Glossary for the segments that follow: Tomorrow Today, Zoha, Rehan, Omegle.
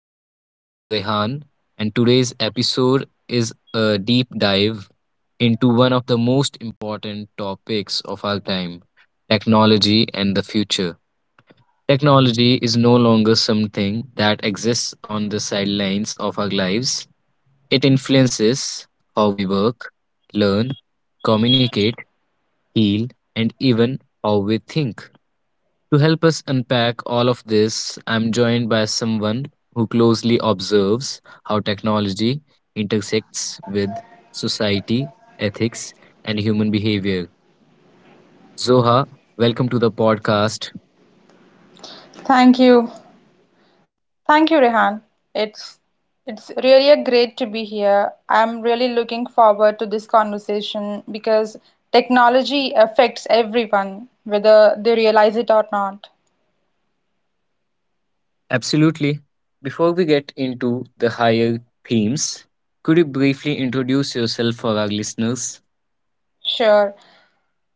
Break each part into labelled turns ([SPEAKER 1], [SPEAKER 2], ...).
[SPEAKER 1] I'm your host, Rehan, and today's episode is a deep dive into one of the most important topics of our time, technology and the future. Technology is no longer something that exists on the sidelines of our lives. It influences how we work, learn, communicate, heal, and even how we think. To help us unpack all of this, I'm joined by someone who closely observes how technology intersects with society, ethics, and human behavior. Zoha, welcome to the podcast.
[SPEAKER 2] I'm really looking forward to this conversation because technology affects everyone, whether they realize it or not.
[SPEAKER 1] Absolutely. Before we get into the higher themes, could you briefly introduce yourself for our listeners?
[SPEAKER 2] Sure.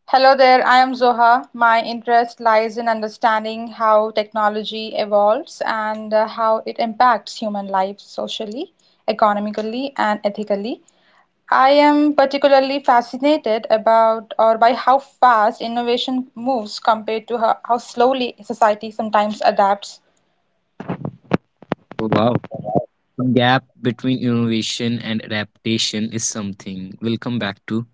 [SPEAKER 2] Hello there, I am Zoha. My interest lies in understanding how technology evolves and how it impacts human life socially, economically, and ethically. I am particularly fascinated about or by how fast innovation moves compared to how slowly society sometimes adapts.
[SPEAKER 1] Oh, wow. Gap between innovation and adaptation is something we'll come back to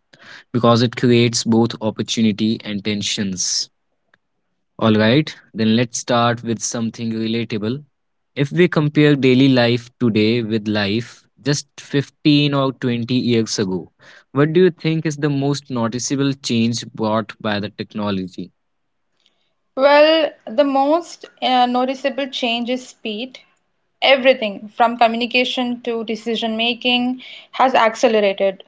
[SPEAKER 1] because it creates both opportunity and tensions. All right, then let's start with something relatable. If we compare daily life today with life just 15 or 20 years ago, what do you think is the most noticeable change brought by the technology?
[SPEAKER 2] Well, the most noticeable change is speed. Everything from communication to decision making has accelerated.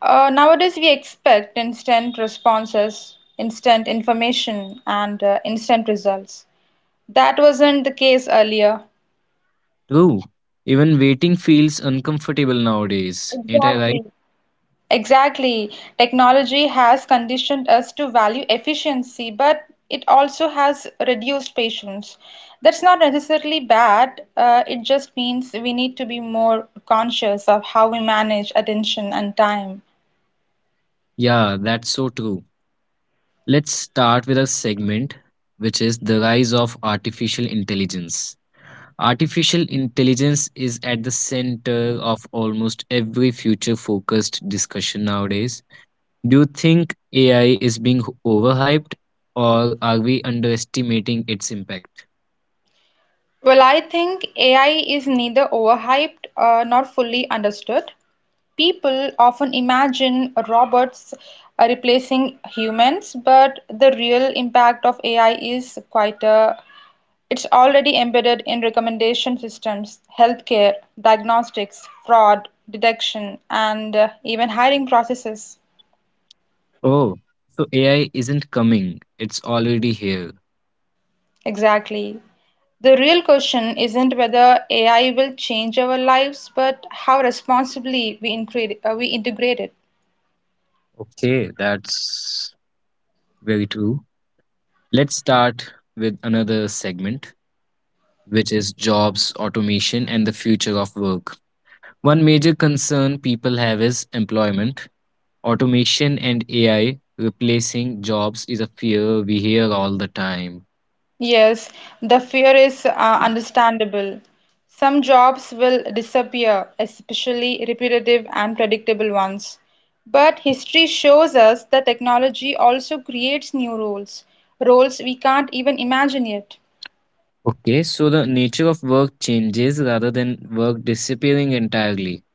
[SPEAKER 2] Nowadays, we expect instant responses, instant information, and instant results. That wasn't the case earlier.
[SPEAKER 1] True, even waiting feels uncomfortable nowadays, ain't I right?
[SPEAKER 2] Exactly. Technology has conditioned us to value efficiency, but it also has reduced patience. That's not necessarily bad, it just means we need to be more conscious of how we manage attention and time.
[SPEAKER 1] Yeah, that's so true. Let's start with a segment which is the rise of artificial intelligence. Artificial intelligence is at the center of almost every future focused discussion nowadays. Do you think AI is being overhyped or are we underestimating its impact?
[SPEAKER 2] Well, I think AI is neither overhyped nor fully understood. People often imagine robots replacing humans, but the real impact of AI is quite a. It's already embedded in recommendation systems, healthcare, diagnostics, fraud detection, and even hiring processes.
[SPEAKER 1] Oh, so AI isn't coming, it's already here.
[SPEAKER 2] Exactly. The real question isn't whether AI will change our lives, but how responsibly we integrate it.
[SPEAKER 1] Okay, that's very true. Let's start with another segment which is jobs, automation, and the future of work. One major concern people have is employment. Automation and AI replacing jobs is a fear we hear all the time.
[SPEAKER 2] Yes, the fear is understandable. Some jobs will disappear, especially repetitive and predictable ones. But history shows us that technology also creates new roles, roles we can't even imagine yet.
[SPEAKER 1] Okay, so the nature of work changes rather than work disappearing entirely.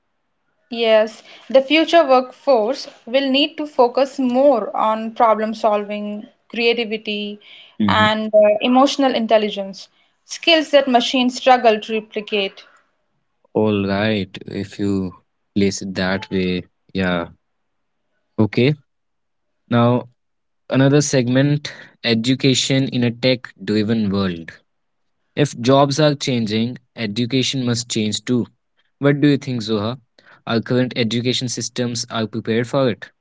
[SPEAKER 2] Yes, the future workforce will need to focus more on problem solving, creativity,
[SPEAKER 1] Hmm.
[SPEAKER 2] and emotional intelligence, skills that machines struggle to replicate.
[SPEAKER 1] All right, if you place it that way, yeah. Okay, now another segment, education in a tech driven world. If jobs are changing, education must change too. What do you think, Zoha? Our current education systems are prepared for it.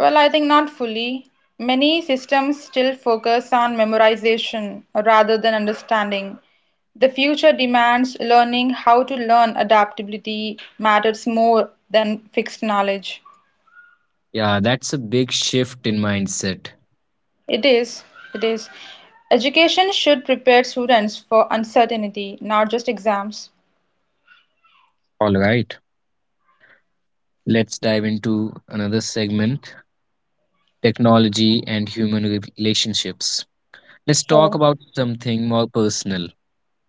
[SPEAKER 2] Well, I think not fully. Many systems still focus on memorization rather than understanding. The future demands learning how to learn adaptability matters more than fixed knowledge.
[SPEAKER 1] Yeah, that's a big shift in mindset.
[SPEAKER 2] It is, it is. Education should prepare students for uncertainty, not just exams.
[SPEAKER 1] All right, let's dive into another segment, technology and human relationships. Let's talk
[SPEAKER 2] Sure.
[SPEAKER 1] about something more personal.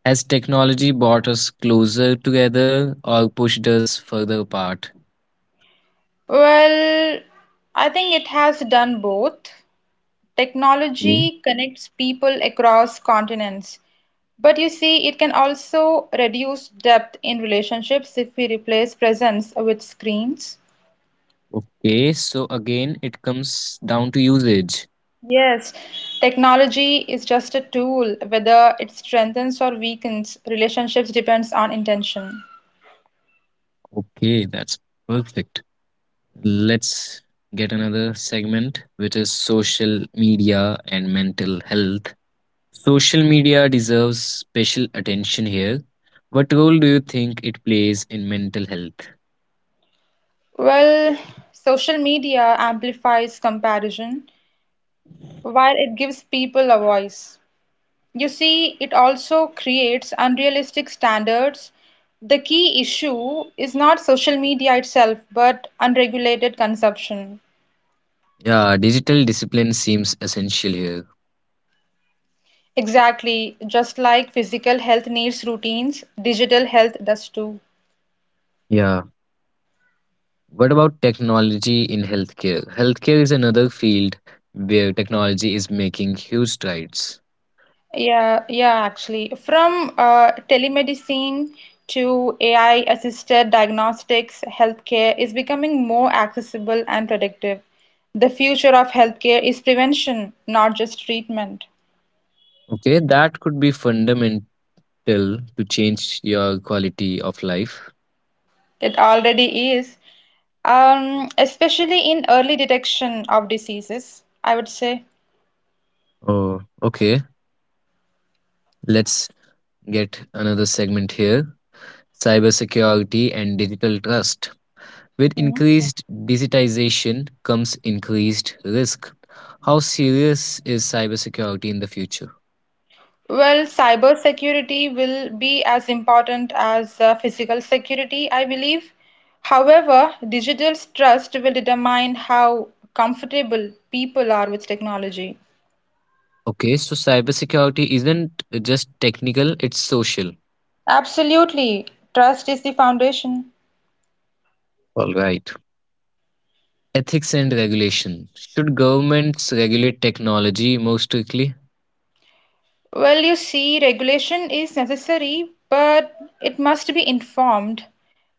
[SPEAKER 1] Has technology brought us closer together or pushed us further apart?
[SPEAKER 2] Well, I think it has done both.
[SPEAKER 1] Mm.
[SPEAKER 2] Technology connects people across continents, but you see, it can also reduce depth in relationships if we replace presence with screens.
[SPEAKER 1] Okay, so again, it comes down to usage.
[SPEAKER 2] Yes, technology is just a tool. Whether it strengthens or weakens relationships depends on intention.
[SPEAKER 1] Okay, that's perfect. Let's get another segment, which is social media and mental health. Social media deserves special attention here. What role do you think it plays in mental health?
[SPEAKER 2] Well, social media amplifies comparison while it gives people a voice. You see, it also creates unrealistic standards. The key issue is not social media itself, but unregulated consumption.
[SPEAKER 1] Yeah, digital discipline seems essential here.
[SPEAKER 2] Exactly. Just like physical health needs routines, digital health does too.
[SPEAKER 1] Yeah. What about technology in healthcare? Healthcare is another field where technology is making huge strides.
[SPEAKER 2] Yeah, yeah, actually. From telemedicine to AI assisted diagnostics, healthcare is becoming more accessible and predictive. The future of healthcare is prevention, not just treatment.
[SPEAKER 1] Okay, that could be fundamental till to change your quality of life.
[SPEAKER 2] It already is, especially in early detection of diseases, I would say.
[SPEAKER 1] Oh, okay. Let's get another segment here, cybersecurity and digital trust. With
[SPEAKER 2] Hmm.
[SPEAKER 1] increased digitization comes increased risk. How serious is cybersecurity in the future?
[SPEAKER 2] Well, cybersecurity will be as important as physical security, I believe. However, digital trust will determine how comfortable people are with technology.
[SPEAKER 1] Okay, so cybersecurity isn't just technical, it's social.
[SPEAKER 2] Absolutely, trust is the foundation.
[SPEAKER 1] All right. Ethics and regulation. Should governments regulate technology more strictly?
[SPEAKER 2] Well, you see, regulation is necessary, but it must be informed.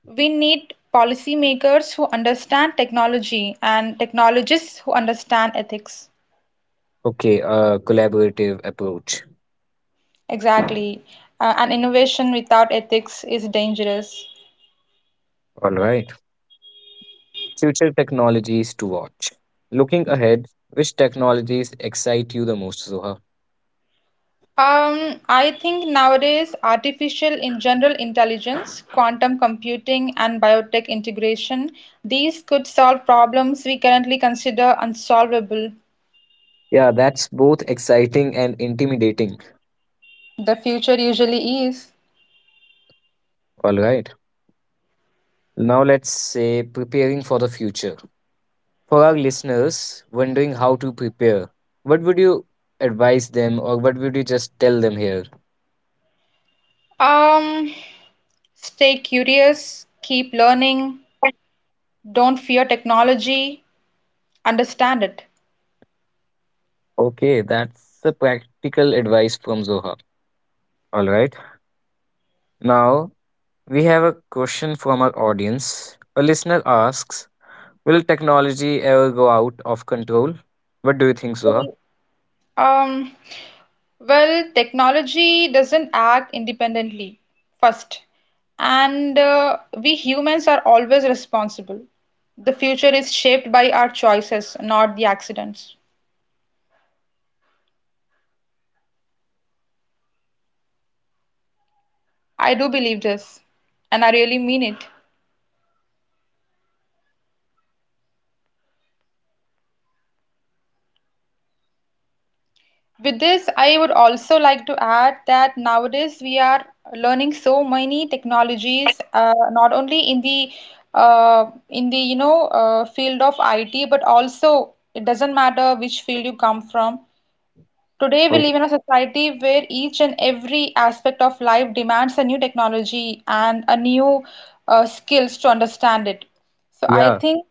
[SPEAKER 2] We need policymakers who understand technology and technologists who understand ethics.
[SPEAKER 1] Okay, a collaborative approach.
[SPEAKER 2] Exactly. And innovation without ethics is dangerous.
[SPEAKER 1] All right. Future technologies to watch. Looking ahead, which technologies excite you the most, Zoha?
[SPEAKER 2] I think nowadays artificial in general intelligence, quantum computing, and biotech integration, these could solve problems we currently consider unsolvable.
[SPEAKER 1] Yeah, that's both exciting and intimidating.
[SPEAKER 2] The future usually is.
[SPEAKER 1] All right. Now let's say preparing for the future. For our listeners wondering how to prepare, what would you advise them, or what would you just tell them here?
[SPEAKER 2] Um, Stay curious, keep learning, don't fear technology, understand it.
[SPEAKER 1] Okay, that's the practical advice from Zoha. All right. Now we have a question from our audience. A listener asks, will technology ever go out of control? What do you think, Zoha?
[SPEAKER 2] Um, well, technology doesn't act independently first, and we humans are always responsible. The future is shaped by our choices, not the accidents. I do believe this, and I really mean it. With this, I would also like to add that nowadays we are learning so many technologies, not only in the field of IT, but also it doesn't matter which field you come from. Today, we
[SPEAKER 1] Oh.
[SPEAKER 2] live in a society where each and every aspect of life demands a new technology and a new skills to understand it. So I
[SPEAKER 1] Yeah,
[SPEAKER 2] think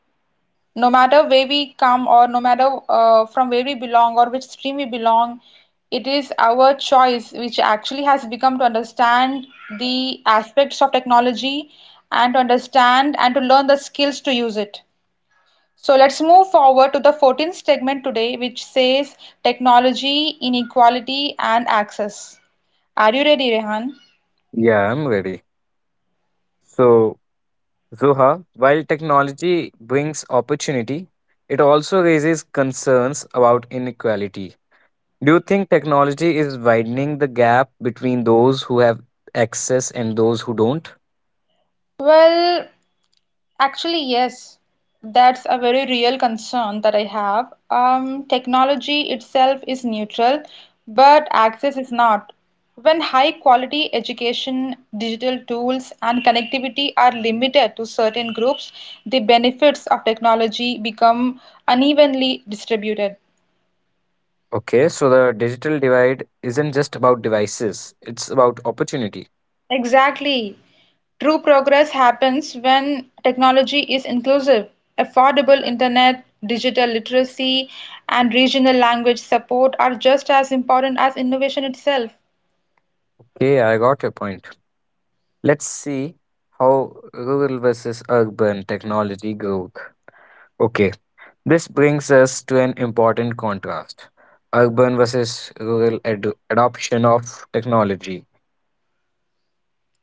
[SPEAKER 2] no matter where we come or no matter from where we belong or which stream we belong, it is our choice which actually has become to understand the aspects of technology and to understand and to learn the skills to use it. So let's move forward to the 14th segment today, which says technology inequality and access. Are you ready, Rehan?
[SPEAKER 1] yeah, I'm ready. So, Zoha, while technology brings opportunity, it also raises concerns about inequality. Do you think technology is widening the gap between those who have access and those who don't?
[SPEAKER 2] Well, actually, yes, that's a very real concern that I have. Technology itself is neutral, but access is not. When high quality education, digital tools, and connectivity are limited to certain groups, the benefits of technology become unevenly distributed.
[SPEAKER 1] Okay, so the digital divide isn't just about devices, it's about opportunity.
[SPEAKER 2] Exactly. True progress happens when technology is inclusive. Affordable internet, digital literacy, and regional language support are just as important as innovation itself.
[SPEAKER 1] Okay, I got your point. Let's see how rural versus urban technology growth. Okay, this brings us to an important contrast, urban versus rural adoption of technology.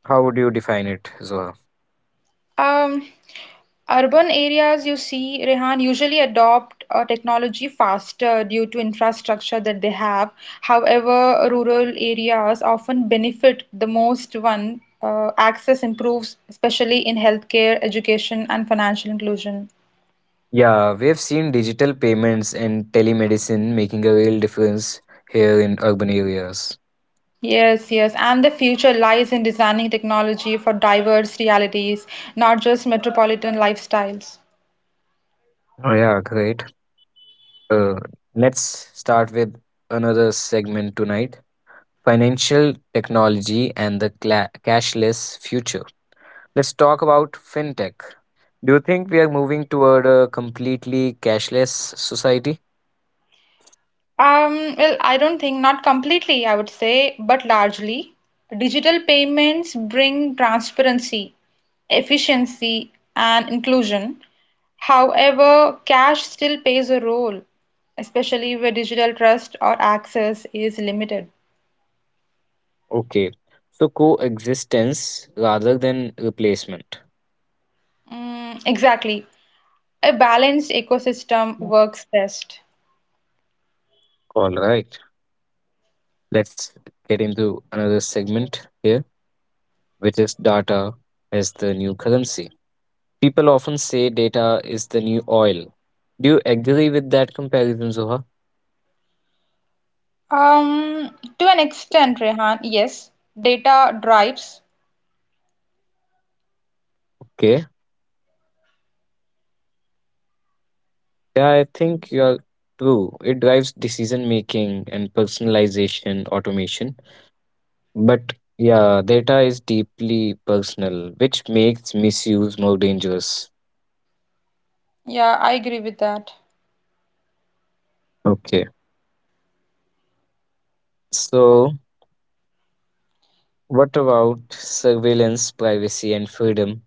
[SPEAKER 1] How would you define it, Zoha?
[SPEAKER 2] Um, Urban areas, you see, Rehan, usually adopt technology faster due to infrastructure that they have. However, rural areas often benefit the most when access improves, especially in healthcare, education, and financial inclusion.
[SPEAKER 1] Yeah, we've seen digital payments and telemedicine making a real difference here in urban areas.
[SPEAKER 2] Yes, yes. And the future lies in designing technology for diverse realities, not just metropolitan lifestyles.
[SPEAKER 1] Oh, yeah, great. Uh, let's start with another segment tonight, financial technology and the cashless future. Let's talk about fintech. Do you think we are moving toward a completely cashless society?
[SPEAKER 2] Well, I don't think, not completely, I would say, but largely. Digital payments bring transparency, efficiency, and inclusion. However, cash still plays a role, especially where digital trust or access is limited.
[SPEAKER 1] Okay, so coexistence rather than replacement.
[SPEAKER 2] Mm, exactly. A balanced ecosystem works best.
[SPEAKER 1] All right, let's get into another segment here, which is data as the new currency. People often say data is the new oil. Do you agree with that comparison, Zoha?
[SPEAKER 2] Um, to an extent, Rehan, yes, data drives.
[SPEAKER 1] Okay, yeah, I think you are true. It drives decision making and personalization, automation. But yeah, data is deeply personal, which makes misuse more dangerous.
[SPEAKER 2] Yeah, I agree with that.
[SPEAKER 1] Okay. So, what about surveillance, privacy, and freedom?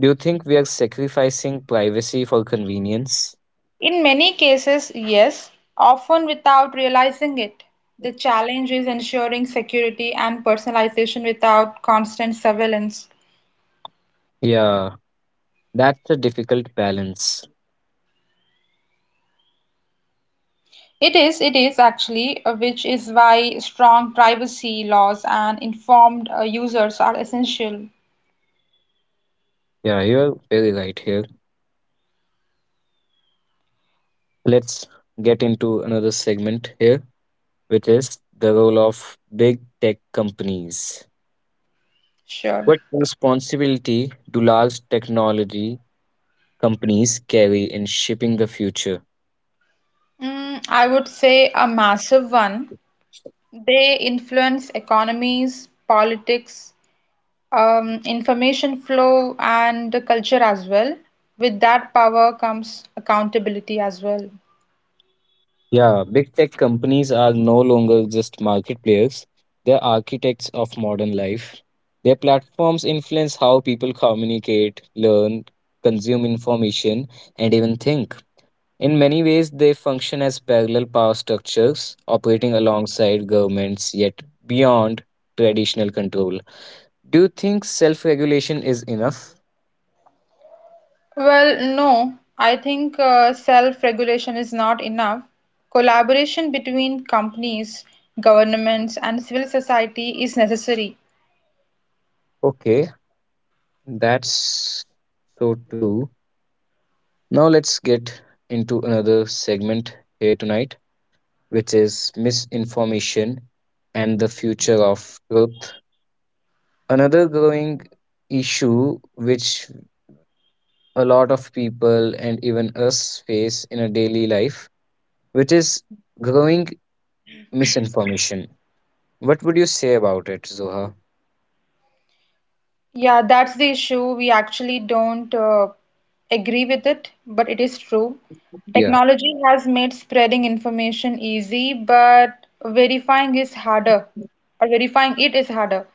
[SPEAKER 1] Do you think we are sacrificing privacy for convenience?
[SPEAKER 2] In many cases, yes, often without realizing it. The challenge is ensuring security and personalization without constant surveillance.
[SPEAKER 1] Yeah, that's a difficult balance.
[SPEAKER 2] It is, it is actually, which is why strong privacy laws and informed users are essential.
[SPEAKER 1] Yeah, you're very right here. Let's get into another segment here, which is the role of big tech companies.
[SPEAKER 2] Sure.
[SPEAKER 1] What responsibility do large technology companies carry in shaping the future?
[SPEAKER 2] Mm, I would say a massive one. They influence economies, politics, information flow and the culture as well. With that power comes accountability as well.
[SPEAKER 1] Yeah, big tech companies are no longer just market players, they're architects of modern life. Their platforms influence how people communicate, learn, consume information, and even think. In many ways, they function as parallel power structures operating alongside governments yet beyond traditional control. Do you think self regulation is enough?
[SPEAKER 2] Well, no, I think self-regulation is not enough. Collaboration between companies, governments, and civil society is necessary.
[SPEAKER 1] Okay, that's so true. Now let's get into another segment here tonight, which is misinformation and the future of truth. Another growing issue which a lot of people and even us face in a daily life, which is growing misinformation. What would you say about it, Zoha?
[SPEAKER 2] Yeah, that's the issue. We actually don't agree with it, but it is true.
[SPEAKER 1] Yeah.
[SPEAKER 2] Technology has made spreading information easy, but verifying is harder, or verifying it is harder.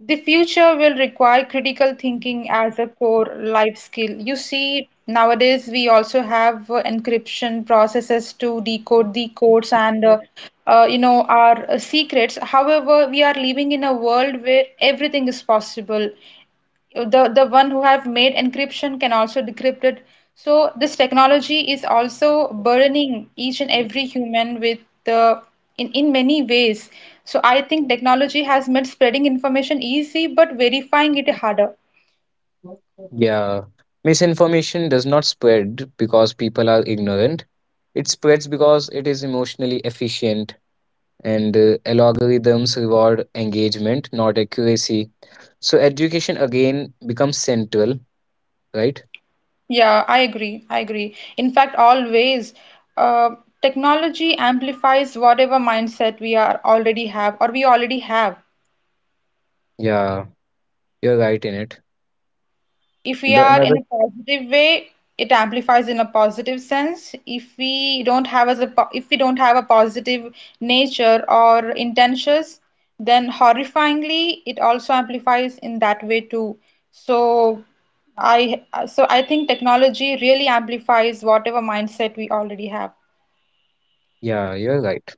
[SPEAKER 2] The future will require critical thinking as a core life skill. You see, nowadays we also have encryption processes to decode the codes and you know our secrets. However, we are living in a world where everything is possible. The one who have made encryption can also decrypt it, so this technology is also burdening each and every human with the in many ways. So I think technology has made spreading information easy, but verifying it harder.
[SPEAKER 1] Yeah. Misinformation does not spread because people are ignorant. It spreads because it is emotionally efficient, and algorithms reward engagement not accuracy, so education again becomes central, right?
[SPEAKER 2] Yeah, I agree in fact always. uh, Technology amplifies whatever mindset we are already have or we already have.
[SPEAKER 1] Yeah, you're right in it.
[SPEAKER 2] If we
[SPEAKER 1] The
[SPEAKER 2] are
[SPEAKER 1] another,
[SPEAKER 2] in a positive way, it amplifies in a positive sense. If we don't have if we don't have a positive nature or intentions, then horrifyingly it also amplifies in that way too. So i so i think technology really amplifies whatever mindset we already have.
[SPEAKER 1] yeah, you're right.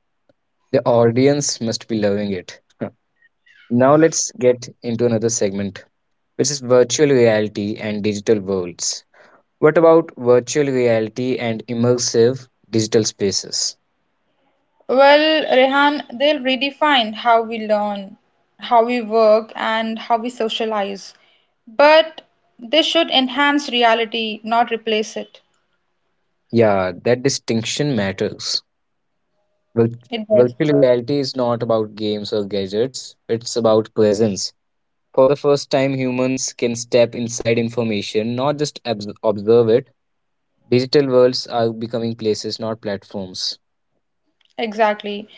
[SPEAKER 1] The audience must be loving it. Huh. Now let's get into another segment which is virtual reality and digital worlds. What about virtual reality and immersive digital spaces?
[SPEAKER 2] Well, Rehan, they'll redefine how we learn, how we work, and how we socialize. But they should enhance reality, not replace it.
[SPEAKER 1] Yeah, that distinction matters. Vir-
[SPEAKER 2] It does.
[SPEAKER 1] Virtual reality is not about games or gadgets, it's about presence. For the first time, humans can step inside information, not just observe it. Digital worlds are becoming places, not platforms.
[SPEAKER 2] Exactly.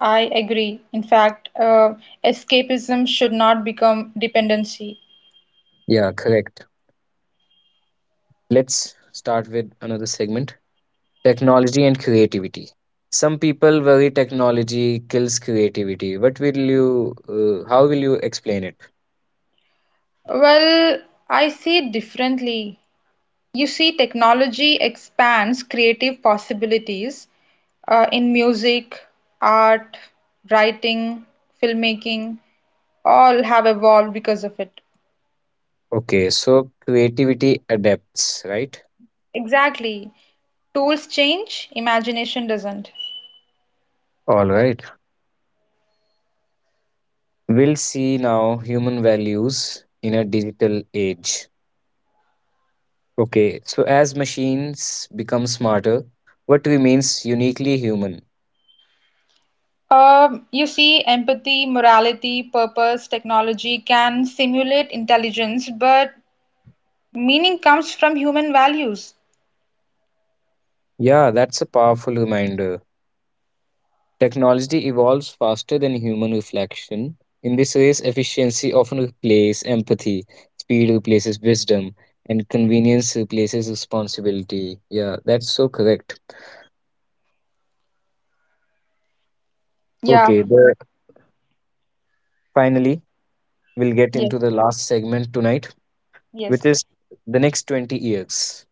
[SPEAKER 2] I agree. In fact, escapism should not become dependency.
[SPEAKER 1] Yeah, correct. Let's start with another segment, technology and creativity. Some people worry technology kills creativity. What will you, how will you explain it?
[SPEAKER 2] Well, I see it differently. You see, technology expands creative possibilities in music, art, writing, filmmaking, all have evolved because of it.
[SPEAKER 1] Okay, so creativity adapts, right?
[SPEAKER 2] Exactly. Tools change, imagination doesn't.
[SPEAKER 1] All right. We'll see now human values in a digital age. Okay, so as machines become smarter, what remains uniquely human?
[SPEAKER 2] You see, empathy, morality, purpose, technology can simulate intelligence, but meaning comes from human values.
[SPEAKER 1] Yeah, that's a powerful reminder. Technology evolves faster than human reflection. In this race, efficiency often replaces empathy, speed replaces wisdom, and convenience replaces responsibility. Yeah, that's so correct.
[SPEAKER 2] Yeah,
[SPEAKER 1] Okay, finally, we'll get
[SPEAKER 2] yes,
[SPEAKER 1] into the last segment tonight,
[SPEAKER 2] yes.
[SPEAKER 1] which is the next 20 years.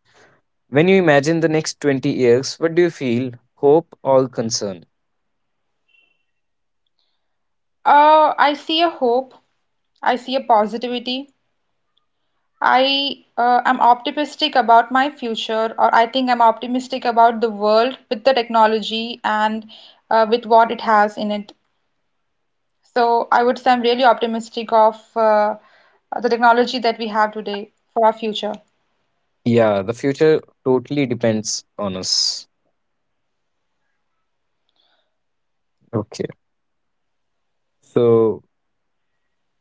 [SPEAKER 1] When you imagine the next 20 years, what do you feel? Hope or concern?
[SPEAKER 2] I see a hope, I see a positivity, I am optimistic about my future, or I think I'm optimistic about the world with the technology and with what it has in it. So I would say I'm really optimistic of the technology that we have today for our future.
[SPEAKER 1] Yeah, the future totally depends on us. Okay. So,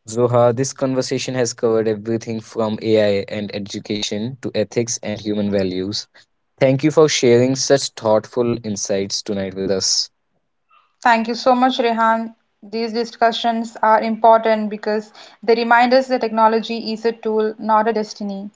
[SPEAKER 1] Zoha, this conversation has covered everything from AI and education to ethics and human values. Thank you for sharing such thoughtful insights tonight with us.
[SPEAKER 2] Thank you so much, Rehan. These discussions are important because they remind us that technology is a tool, not a destiny.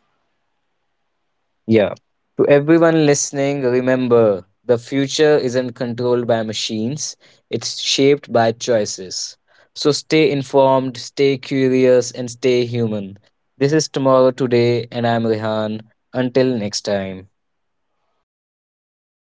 [SPEAKER 1] Yeah. To everyone listening, remember the future isn't controlled by machines, it's shaped by choices. So stay informed, stay curious, and stay human. This is Tomorrow Today, and I'm Rehan. Until next time.